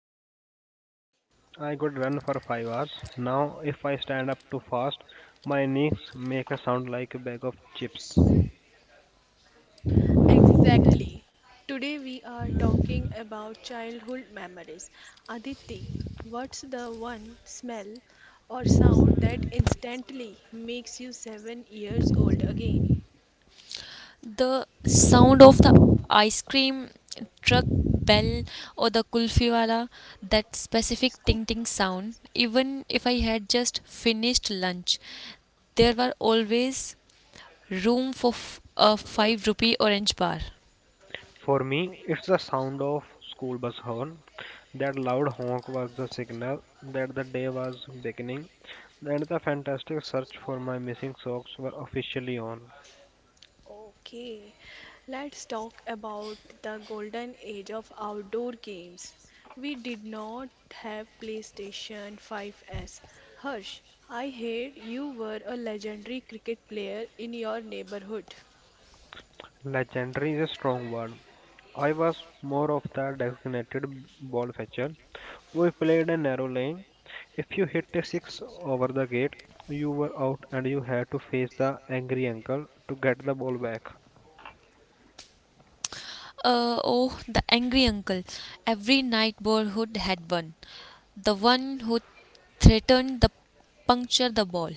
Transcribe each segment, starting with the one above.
energy back then. I could run for 5 hours. Now, if I stand up too fast, my knees make a sound like a bag of chips. Exactly. Today we are talking about childhood memories. Aditi, what's the one smell or sound that instantly makes you 7 years old again? The sound of the ice cream truck bell or the kulfi wala, that specific Isko? ting ting sound, even if I had just finished lunch, there were always room for a 5 rupee orange bar. For me, it's the sound of school bus horn. That loud honk was the signal that the day was beginning, and the fantastic search for my missing socks were officially on. Okay, let's talk about the golden age of outdoor games. We did not have PlayStation 5S. Harsh, I heard you were a legendary cricket player in your neighborhood. Legendary is a strong word. I was more of the designated ball fetcher. We played a narrow lane. If you hit a six over the gate, you were out and you had to face the angry uncle to get the ball back. Oh, the angry uncle. Every neighborhood had one. The one who threatened to puncture the ball.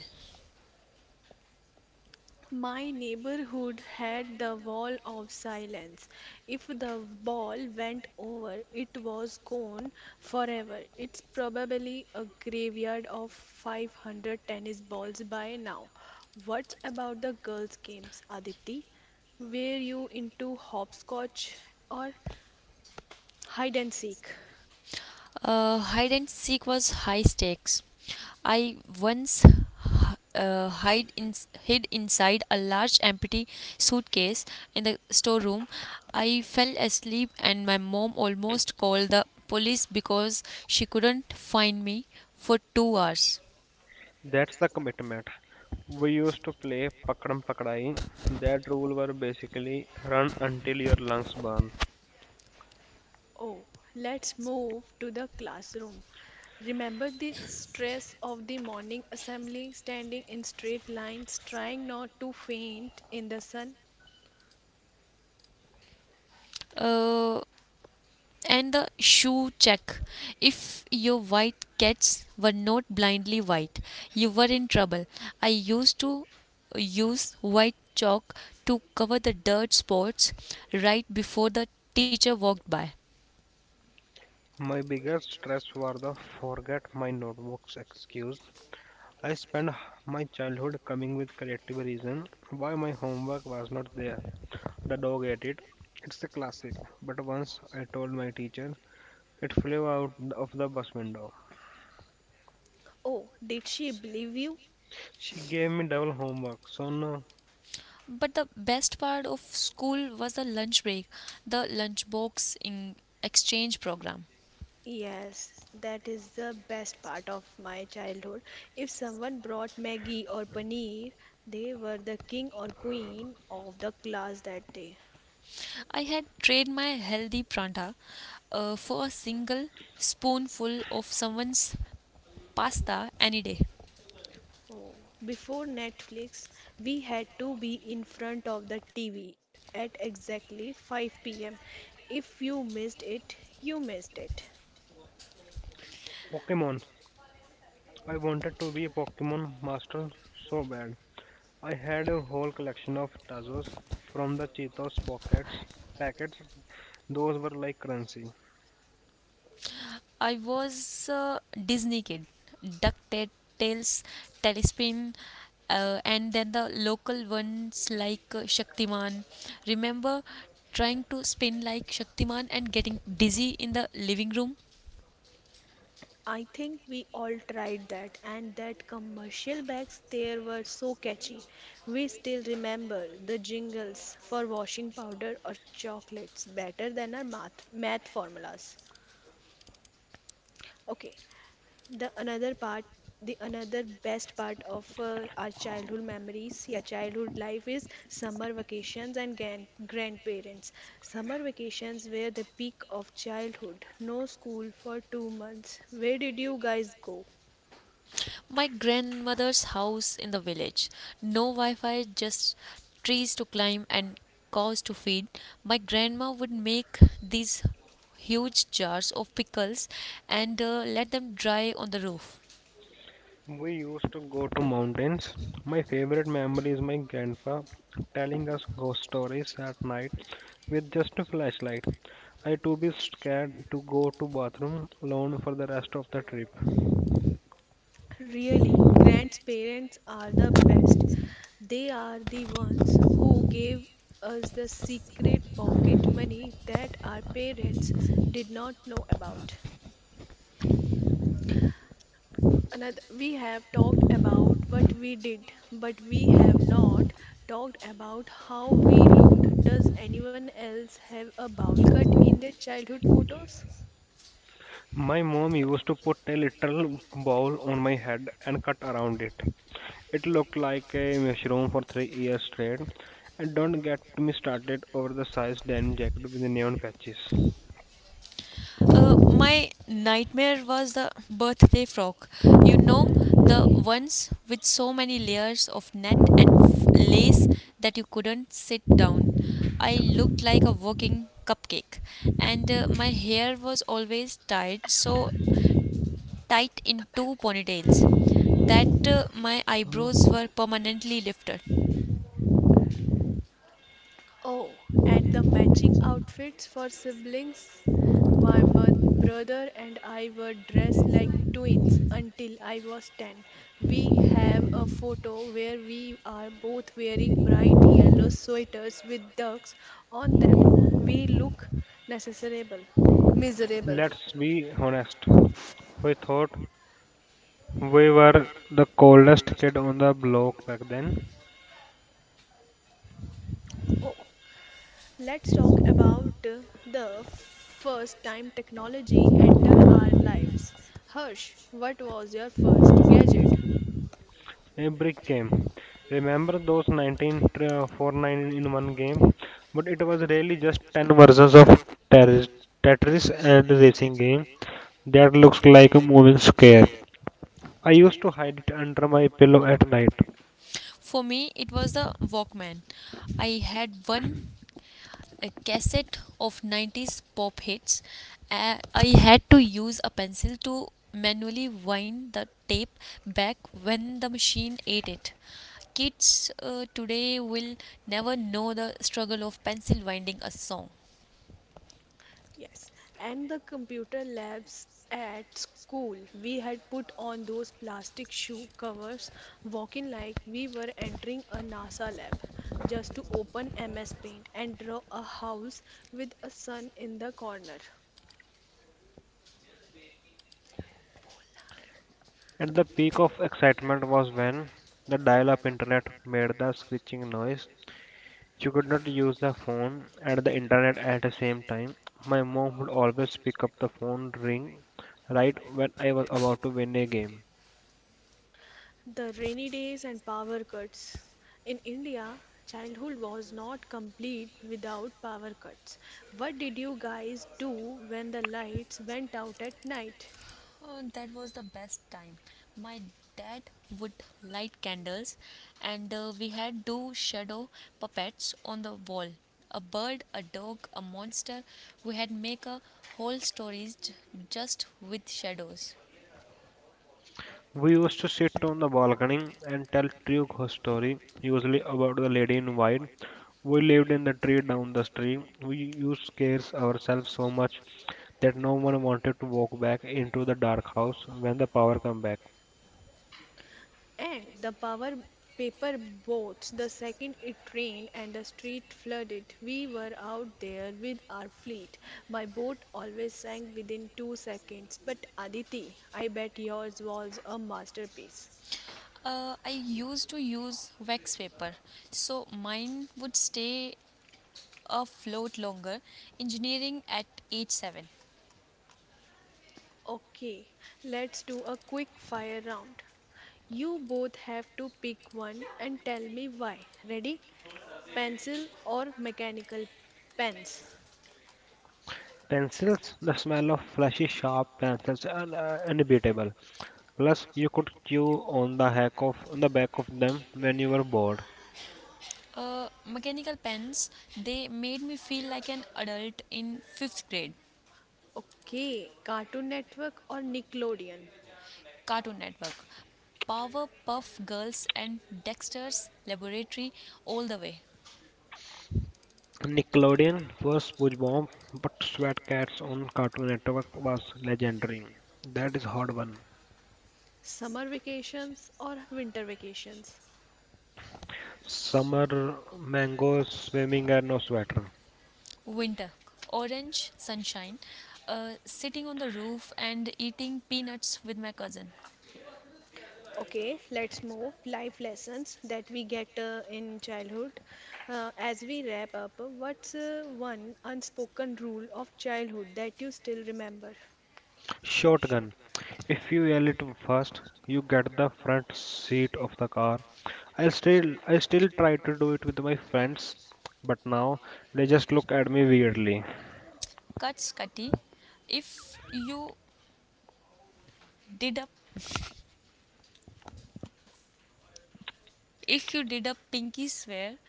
My neighborhood had the wall of silence. If the ball went over, it was gone forever. It's probably a graveyard of 500 tennis balls by now. What about the girls' games, Aditi? Were you into hopscotch or hide and seek? Hide and seek was high stakes. I once uh, hide in, hid inside a large empty suitcase in the storeroom. I fell asleep, and my mom almost called the police because she couldn't find me for 2 hours. That's the commitment. We used to play Pakadam Pakadai. That rule were basically run until your lungs burn. Oh, let's move to the classroom. Remember the stress of the morning assembly, standing in straight lines, trying not to faint in the sun? Uh, And the shoe check. If your white cats were not blindly white, you were in trouble. I used to use white chalk to cover the dirt spots right before the teacher walked by. My biggest stress was the forget my notebooks excuse. I spent my childhood coming with creative reason why my homework was not there. The dog ate it. It's a classic. But once I told my teacher it flew out of the bus window. Oh, did she believe you? She gave me double homework. So no. But the best part of school was the lunch break, the lunchbox in exchange program. Yes, that is the best part of my childhood. If someone brought Maggie or Paneer, they were the king or queen of the class that day. I had traded my healthy pranta for a single spoonful of someone's pasta any day. Oh, before Netflix, we had to be in front of the TV at exactly 5 pm. If you missed it, you missed it. Pokemon. I wanted to be a Pokemon master so bad. I had a whole collection of Tazos from the Cheetos pockets packets. Those were like currency. I was a Disney kid. DuckTales, Tailspin, and then the local ones like Shaktiman. Remember trying to spin like Shaktiman and getting dizzy in the living room? I think we all tried that, and that commercial bags there were so catchy. We still remember the jingles for washing powder or chocolates better than our math formulas. Okay, The another part, the another best part of our childhood memories, yeah, childhood life is summer vacations and grandparents. Summer vacations were the peak of childhood. No school for 2 months. Where did you guys go? My grandmother's house in the village. No Wi Fi, just trees to climb and cows to feed. My grandma would make these huge jars of pickles and let them dry on the roof. We used to go to mountains. My favorite memory is my grandpa telling us ghost stories at night with just a flashlight. I too be scared to go to bathroom alone for the rest of the trip. Really, grandparents are the best. They are the ones who gave us the secret pocket money that our parents did not know about. Another, we have talked about what we did, but we have not talked about how we looked. Does anyone else have a bowl cut in their childhood photos? My mom used to put a little bowl on my head and cut around it. It looked like a mushroom for 3 years straight. And don't get me started over the size denim jacket with the neon patches. My nightmare was the birthday frock. You know, the ones with so many layers of net and lace that you couldn't sit down. I looked like a walking cupcake, and my hair was always tied Alcohol, so tight in two tobacco. ponytails that my eyebrows were permanently lifted. Oh, and the matching outfits for siblings. My brother and I were dressed like twins until I was 10. We have a photo where we are both wearing bright yellow sweaters with ducks on them. We look necessarable. Miserable. Let's be honest. We thought we were the coldest kid on the block back then. Oh, let's talk about the first time technology enter our lives. Harsh, what was your first gadget? A brick game. Remember those 1949 in one game? But it was really just 10 versions of Terris- Tetris and racing game. That looks like a moving scare. I used to hide it under my pillow at night. For me, it was the Walkman. I had one a cassette of 90s pop hits. I had to use a pencil to manually wind the tape back when the machine ate it. Kids today will never know the struggle of pencil winding a song. Yes, and the computer labs at school, we had put on those plastic shoe covers, walking like we were entering a NASA lab, just to open MS Paint and draw a house with a sun in the corner. And the peak of excitement was when the dial up internet made the screeching noise. You could not use the phone and the internet at the same time. My mom would always pick up the phone ring right when I was about to win a game. The rainy days and power cuts. In India, childhood was not complete without power cuts. What did you guys do when the lights went out at night? Oh, that was the best time. My dad would light candles, and we had do shadow puppets on the wall. A bird, a dog, a monster. We had make a whole stories just with shadows. We used to sit on the balcony and tell true ghost story, usually about the lady in white. We lived in the tree down the stream. We used scares ourselves so much that no one wanted to walk back into the dark house when the power come back. And the power paper boats, the second it rained and the street flooded, we were out there with our fleet. My boat always sank within 2 seconds, but Aditi, I bet yours was a masterpiece. I used to use wax paper, so mine would stay afloat longer. Engineering at age seven. Okay, let's do a quick fire round. You both have to pick one and tell me why. Ready? Pencil or mechanical pens? Pencils, the smell of flashy sharp pencils and unbeatable. Plus, you could chew on the heck of on the back of them when you were bored. Mechanical pens. They made me feel like an adult in fifth grade. Okay, Cartoon Network or Nickelodeon? Cartoon Network, Powerpuff Girls and Dexter's Laboratory all the way. Nickelodeon, first push bomb, but Sweat Cats on Cartoon Network was legendary. That is hard one. Summer vacations or winter vacations? Summer mangoes, swimming and no sweater. Winter, orange sunshine, sitting on the roof and eating peanuts with my cousin. Okay, let's move life lessons that we get in childhood. As we wrap up, what's one unspoken rule of childhood that you still remember? Shotgun. If you yell it first, you get the front seat of the car. I still try to do it with my friends, but now they just look at me weirdly. Cuts Cutty, if you did up, if you did a pinky swear,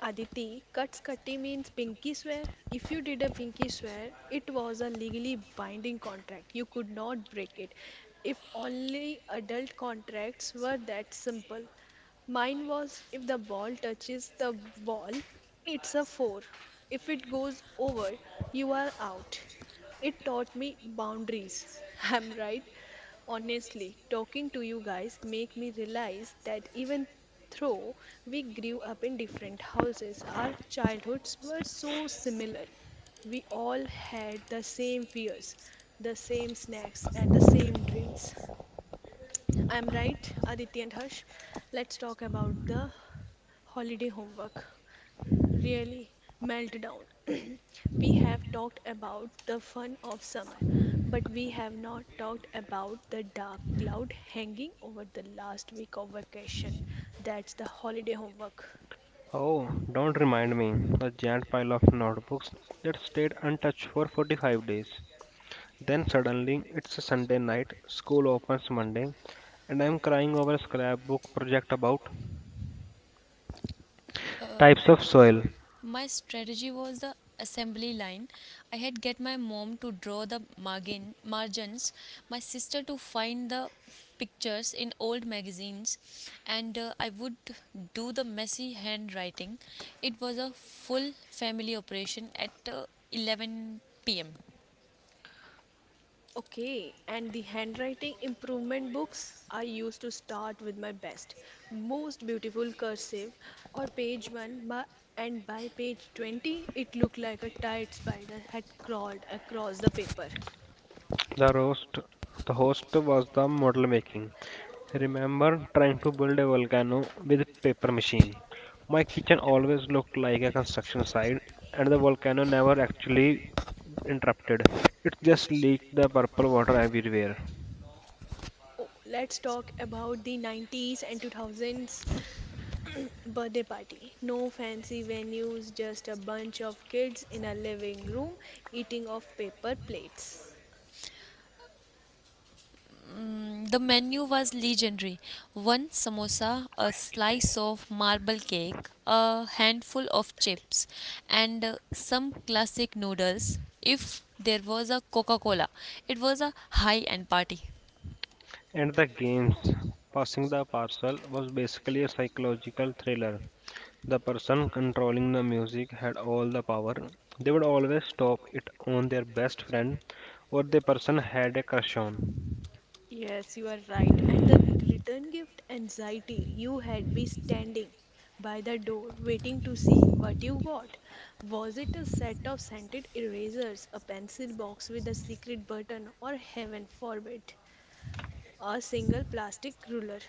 Aditi, Katkati means pinky swear. If you did a pinky swear, it was a legally binding contract. You could not break it. If only adult contracts were that simple. Mine was if the ball touches the wall, it's a four. If it goes over, you are out. It taught me boundaries. I'm right. Honestly, talking to you guys make me realize that even though we grew up in different houses, our childhoods were so similar. We all had the same fears, the same snacks, and the same dreams. I'm right, Aditi and Harsh. Let's talk about the holiday homework. Really, meltdown. We have talked about the fun of summer, but we have not talked about the dark cloud hanging over the last week of vacation. That's the holiday homework. Oh, don't remind me. The giant pile of notebooks that stayed untouched for 45 days. Then suddenly it's a Sunday night, school opens Monday, and I'm crying over a scrapbook project about uh, types of soil. my strategy was the assembly line. I had get my mom to draw the margins, my sister to find the pictures in old magazines, and I would do the messy handwriting. It was a full family operation at 11 p.m. Okay, and the handwriting improvement books, I used to start with my best, most beautiful cursive or page 1 by, and by page 20 it looked like a tired spider had crawled across the paper. The roast the host was the model making. Remember trying to build a volcano with paper machine. My kitchen always looked like a construction site and the volcano never actually interrupted. It just leaked the purple water everywhere. Oh, let's talk about the 90s and 2000s birthday party. No fancy venues, just a bunch of kids in a living room eating off paper plates. Mm, the menu was legendary. One samosa, a slice of marble cake, a handful of chips, and some classic noodles. If there was a Coca Cola, it was a high end party. And the games. Passing the parcel was basically a psychological thriller. The person controlling the music had all the power. They would always stop it on their best friend or the person had a crush on. Yes, you are right. And the return gift anxiety you had be standing by the door waiting to see what you got. Was it a set of scented erasers, a pencil box with a secret button, or heaven forbid, a single plastic ruler?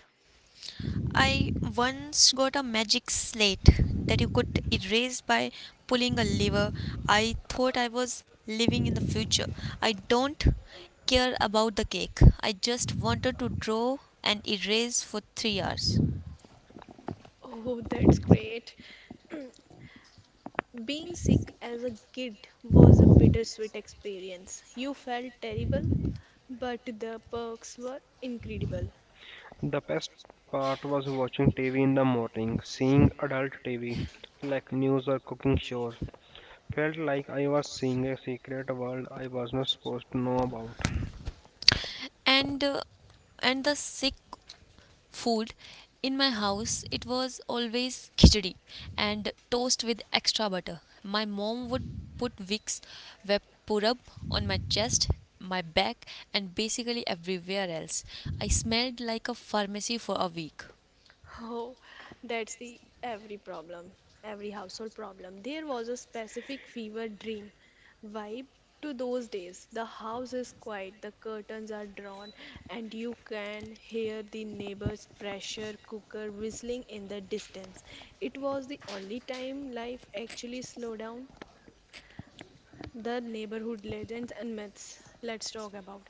I once got a magic slate that you could erase by pulling a lever. I thought I was living in the future. I don't care about the cake. I just wanted to draw and erase for 3 hours. Oh, that's great. Being sick as a kid was a bittersweet experience. You felt terrible, but the perks were incredible. The best part was watching TV in the morning, seeing adult TV like news or cooking shows. Felt like I was seeing a secret world I was not supposed to know about. and uh, and the sick food in my house it was always khichdi and toast with extra butter. My mom would put vicks vapurab on my chest, my back, and basically everywhere else. I smelled like a pharmacy for a week. Oh, that's the every problem, every household problem. There was a specific fever dream vibe to those days. The house is quiet, the curtains are drawn, and you can hear the neighbor's pressure cooker whistling in the distance. It was the only time life actually slowed down. The neighborhood legends and myths. Let's talk about.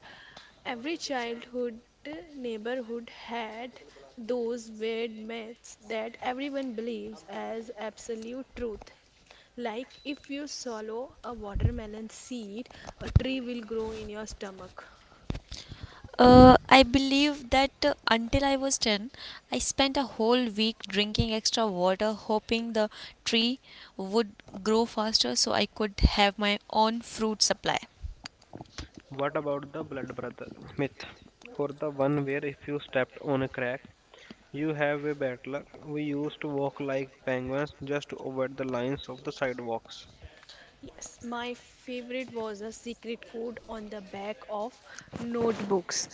Every childhood neighborhood had those weird myths that everyone believes as absolute truth. Like if you swallow a watermelon seed, a tree will grow in your stomach. I believe that until I was 10, I spent a whole week drinking extra water, hoping the tree would grow faster so I could have my own fruit supply. What about the blood brother myth? Or the one where if you stepped on a crack, you have a bad luck. We used to walk like penguins just to avoid the lines of the sidewalks. Yes, my favorite was a secret code on the back of notebooks.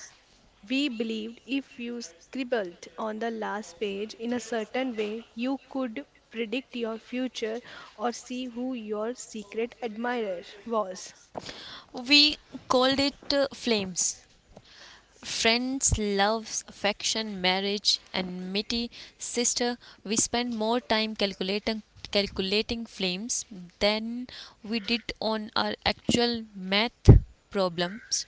We believed if you scribbled on the last page in a certain way, you could predict your future or see who your secret admirer was. We called it flames. Friends, loves, affection, marriage, and Mitty sister, we spent more time calculating flames than we did on our actual math problems.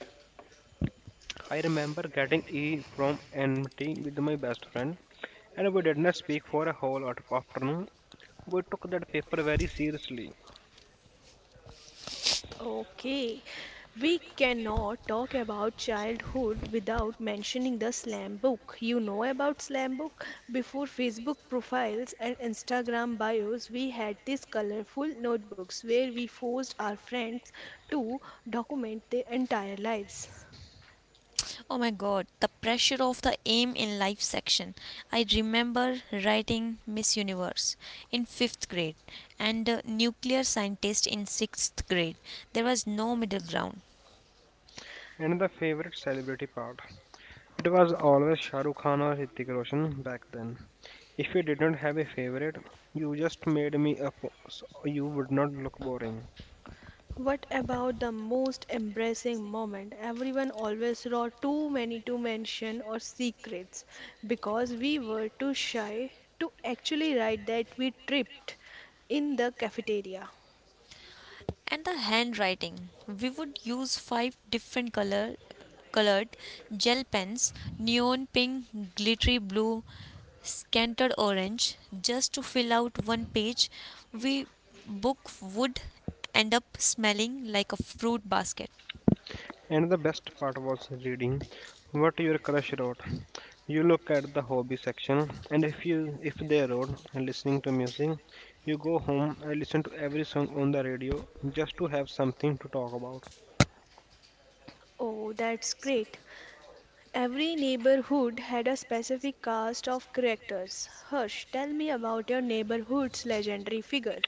I remember getting E from MT with my best friend, and we did not speak for a whole lot of afternoon. We took that paper very seriously. Okay, we cannot talk about childhood without mentioning the slam book. You know about slam book? Before Facebook profiles and Instagram bios, we had these colorful notebooks where we forced our friends to document their entire lives. Oh my god, the pressure of the aim in life section. I remember writing Miss Universe in 5th grade and nuclear scientist in 6th grade. There was no middle ground. And the favorite celebrity part. It was always Shah Rukh Khan or Hrithik Roshan back then. If you didn't have a favorite, you just made me up so you would not look boring. What about the most embarrassing moment? Everyone always wrote too many to mention or secrets because we were too shy to actually write that we tripped in the cafeteria. And the handwriting. We would use 5 different colored gel pens, neon pink, glittery blue, scanted orange just to fill out one page we book would end up smelling like a fruit basket. And the best part was reading what your crush wrote. You look at the hobby section and if they wrote listening to music, you go home and listen to every song on the radio just to have something to talk about. Oh, that's great. Every neighborhood had a specific cast of characters. Harsh, tell me about your neighborhood's legendary figure.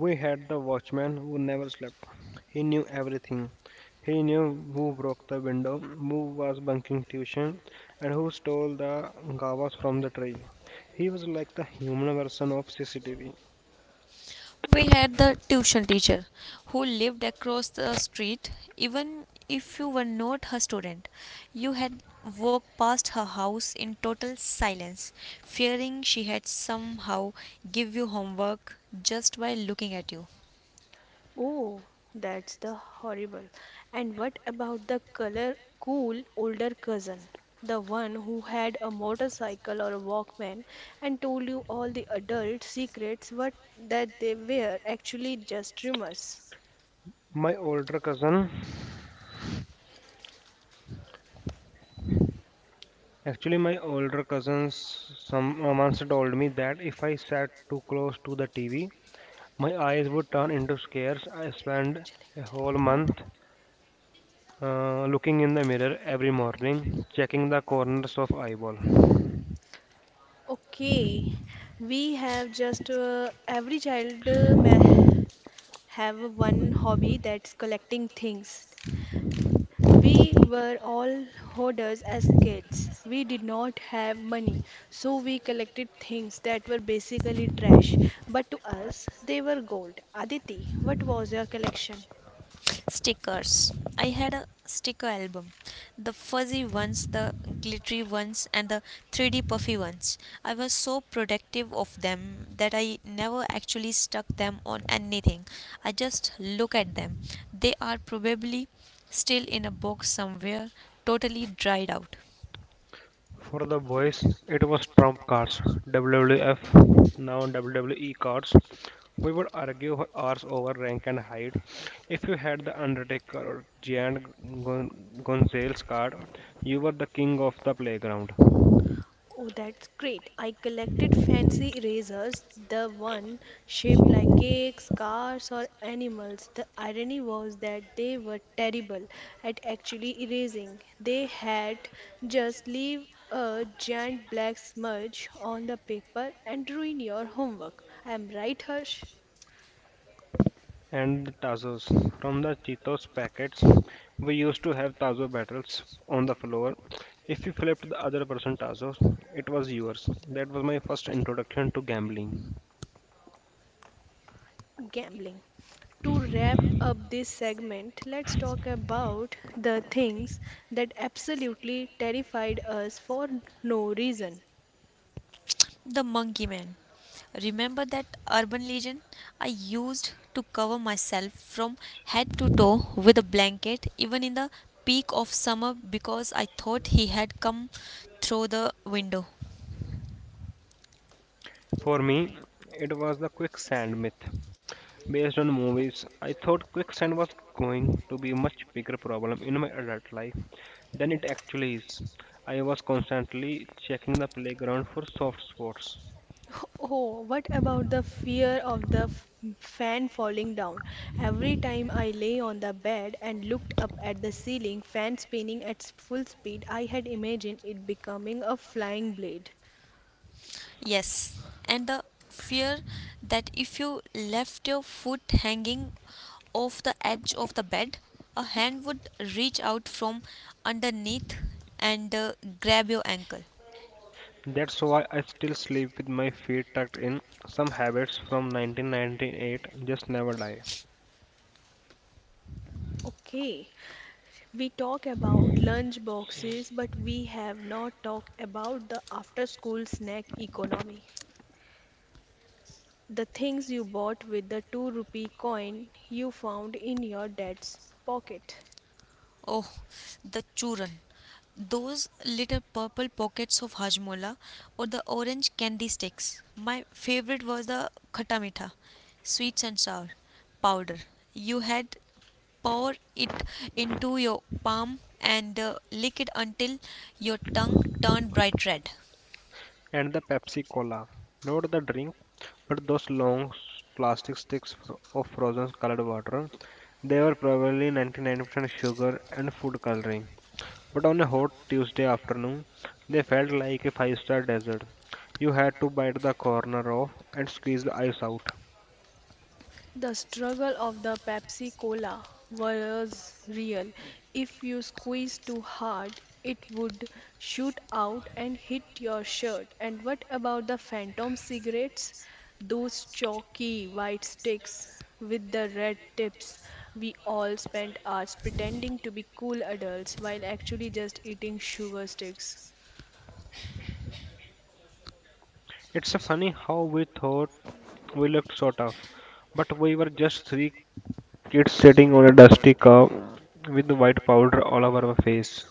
We had the watchman who never slept. He knew everything. He knew who broke the window, who was bunking tuition, and who stole the gawas from the tray. He was like the human version of CCTV. We had the tuition teacher who lived across the street. Even if you were not her student, you had walked past her house in total silence, fearing she had somehow give you homework just by looking at you. Oh, that's the horrible. And what about the color cool older cousin? The one who had a motorcycle or a Walkman and told you all the adult secrets what that they were actually just rumors. My older cousin, my older cousins, some once told me that if I sat too close to the TV, my eyes would turn into scares. I spent चलेगा, a चलेगा, whole दबा month दो। Looking in the mirror every morning, checking the corners of eyeball. Okay, we have just every child may have one hobby that's collecting things. We were all hoarders as kids. We did not have money, so we collected things that were basically trash. But to us, they were gold. Aditi, what was your collection? Stickers. I had a sticker album. The fuzzy ones, the glittery ones, and the 3D puffy ones. I was so protective of them that I never actually stuck them on anything. I just look at them. They are probably still in a box somewhere, totally dried out. For the boys, it was Trump cards, WWF, now WWE cards. We would argue for hours over rank and height. If you had the Undertaker or Gon- Gonzales card, you were the king of the playground. Oh, that's great. I collected fancy erasers, the one shaped like cakes, cars, or animals. The irony was that they were terrible at actually erasing. They had just leave a giant black smudge on the paper and ruin your homework. Am right, Harsh? And the Tazos. From the Cheetos packets, we used to have Tazo battles on the floor. If you flipped the other person Tazos, it was yours. That was my first introduction to gambling. Gambling. To wrap up this segment, let's talk about the things that absolutely terrified us for no reason. The Monkey Man. Remember that urban legend? I used to cover myself from head to toe with a blanket, even in the peak of summer, because I thought he had come through the window. For me, it was the quicksand myth. Based on movies, I thought quicksand was going to be a much bigger problem in my adult life than it actually is. I was constantly checking the playground for soft spots. Oh, what about the fear of the fan falling down? Every time I lay on the bed and looked up at the ceiling, fan spinning at full speed, I had imagined it becoming a flying blade. Yes, and the fear that if you left your foot hanging off the edge of the bed, a hand would reach out from underneath and grab your ankle. That's why I still sleep with my feet tucked in. Some habits from 1998 just never die. Okay, we talk about lunch boxes, but we have not talked about the after school snack economy. The things you bought with the 2 rupee coin you found in your dad's pocket. Oh, the churran. Those little purple pockets of hajmola or the orange candy sticks. My favorite was the khatta mitha, sweet and sour powder. You had pour it into your palm and lick it until your tongue turned bright red. And the Pepsi Cola. Not the drink, but those long plastic sticks of frozen colored water. They were probably 99% sugar and food coloring. But on a hot Tuesday afternoon, they felt like a five-star desert. You had to bite the corner off and squeeze the ice out. The struggle of the Pepsi Cola was real. If you squeezed too hard, it would shoot out and hit your shirt. And what about the phantom cigarettes? Those chalky white sticks with the red tips. We all spent hours pretending to be cool adults while actually just eating sugar sticks. It's funny how we thought we looked so tough, but we were just three kids sitting on a dusty car with white powder all over our face.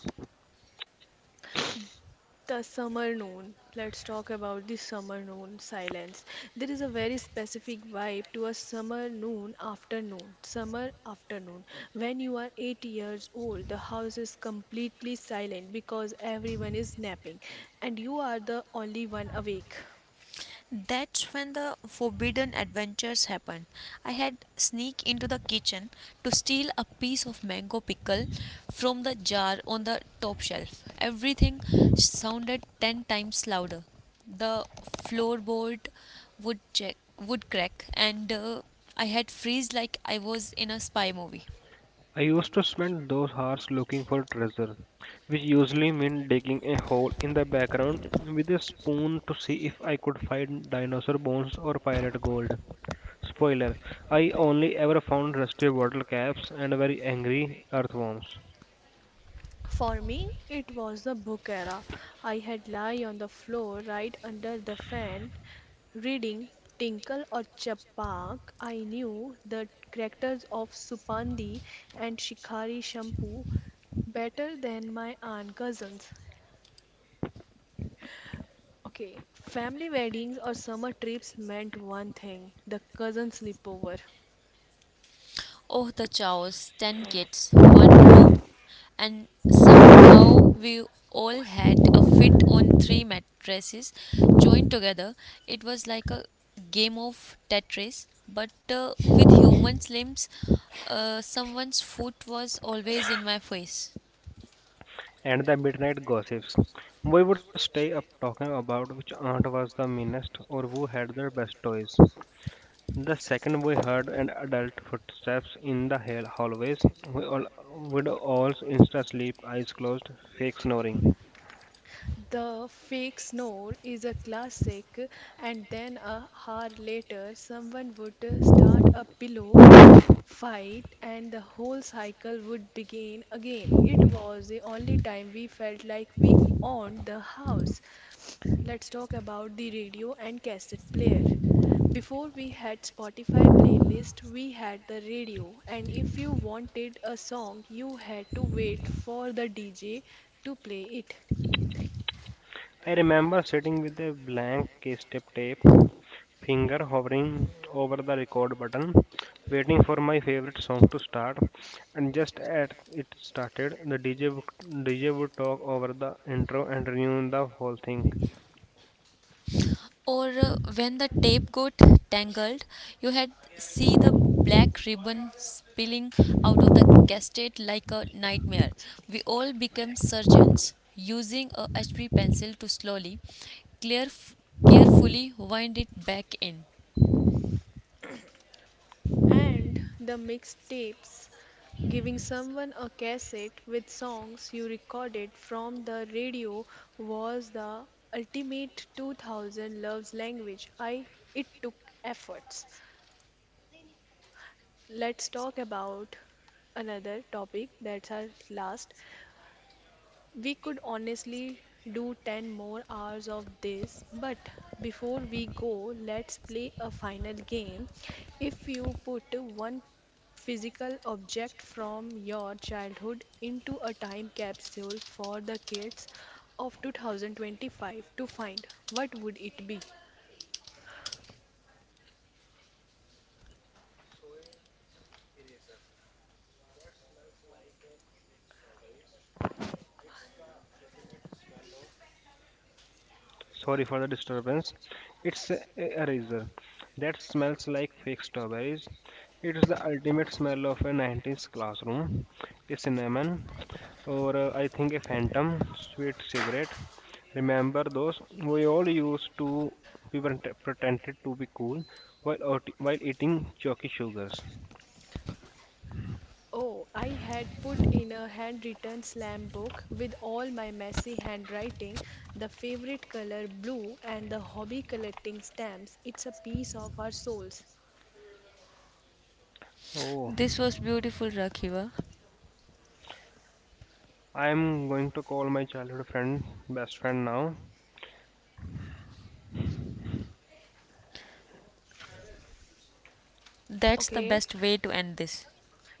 The summer noon. Let's talk about the summer noon silence. There is a very specific vibe to a summer noon afternoon. Summer afternoon. When you are 8 years old, the house is completely silent because everyone is napping and you are the only one awake. That's when the forbidden adventures happened. I had sneaked into the kitchen to steal a piece of mango pickle from the jar on the top shelf. Everything sounded 10 times louder. The floorboard would check would crack and I had freeze like I was in a spy movie. I used to spend those hours looking for treasure, which usually meant digging a hole in the background with a spoon to see if I could find dinosaur bones or pirate gold. Spoiler, I only ever found rusty bottle caps and very angry earthworms. For me, it was the book era. I had lie on the floor right under the fan, reading Tinkle or Chapak, I knew the characters of Supandi and Shikhari Shampoo better than my aunt cousins. Okay, family weddings or summer trips meant one thing the cousin sleepover. Oh, the chaos 10 kids, one room, and somehow we all had a fit on 3 mattresses joined together. It was like a game of Tetris, but with human limbs. Someone's foot was always in my face. And the midnight gossips. We would stay up talking about which aunt was the meanest or who had the best toys. The second we heard an adult footsteps in the hallways, we all would all insta sleep, eyes closed, fake snoring. The fake snore is a classic, and then a hour later, someone would start a pillow fight, and the whole cycle would begin again. It was the only time we felt like we owned the house. Let's talk about the radio and cassette player. Before we had Spotify playlist, we had the radio, and if you wanted a song, you had to wait for the DJ to play it. I remember sitting with a blank step tape, finger hovering over the record button, waiting for my favorite song to start. And just as it started, DJ would talk over the intro and ruin the whole thing. Or when the tape got tangled, you had see the black ribbon spilling out of the cassette like a nightmare. We all became surgeons using a hb pencil to slowly clear carefully wind it back in. And the mixtapes. Giving someone a cassette with songs you recorded from the radio was the ultimate 2000 love's language. I it took efforts. Let's talk about another topic that's our last. We could honestly do 10 more hours of this, but before we go, let's play a final game. If you put one physical object from your childhood into a time capsule for the kids of 2025 to find, what would it be? Sorry for the disturbance. It's a razor that smells like fake strawberries. It's the ultimate smell of a '90s classroom. A cinnamon, or I think a phantom sweet cigarette. Remember those? We all used to be pretended to be cool while while eating chalky sugars. Oh, I had put in a handwritten slam book with all my messy handwriting, the favorite color blue, and the hobby collecting stamps. It's a piece of our souls. Oh, This was beautiful, Rakhiva. I am going to call my childhood friend, best friend now. That's the Okay, best way to end this.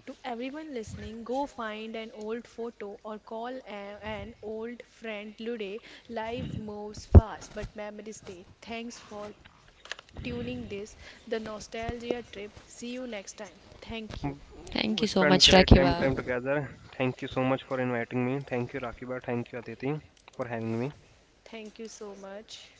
to everyone listening, go find an old photo or call an old friend Lude. Life moves fast, but memories stay. Thanks for tuning this, the nostalgia trip. See you next time. Thank you. Thank We you so spent much, great time Rakhiva. time together. Thank you so much for inviting me. Thank you, Rakiba. Thank you, Aditi, for having me. Thank you so much.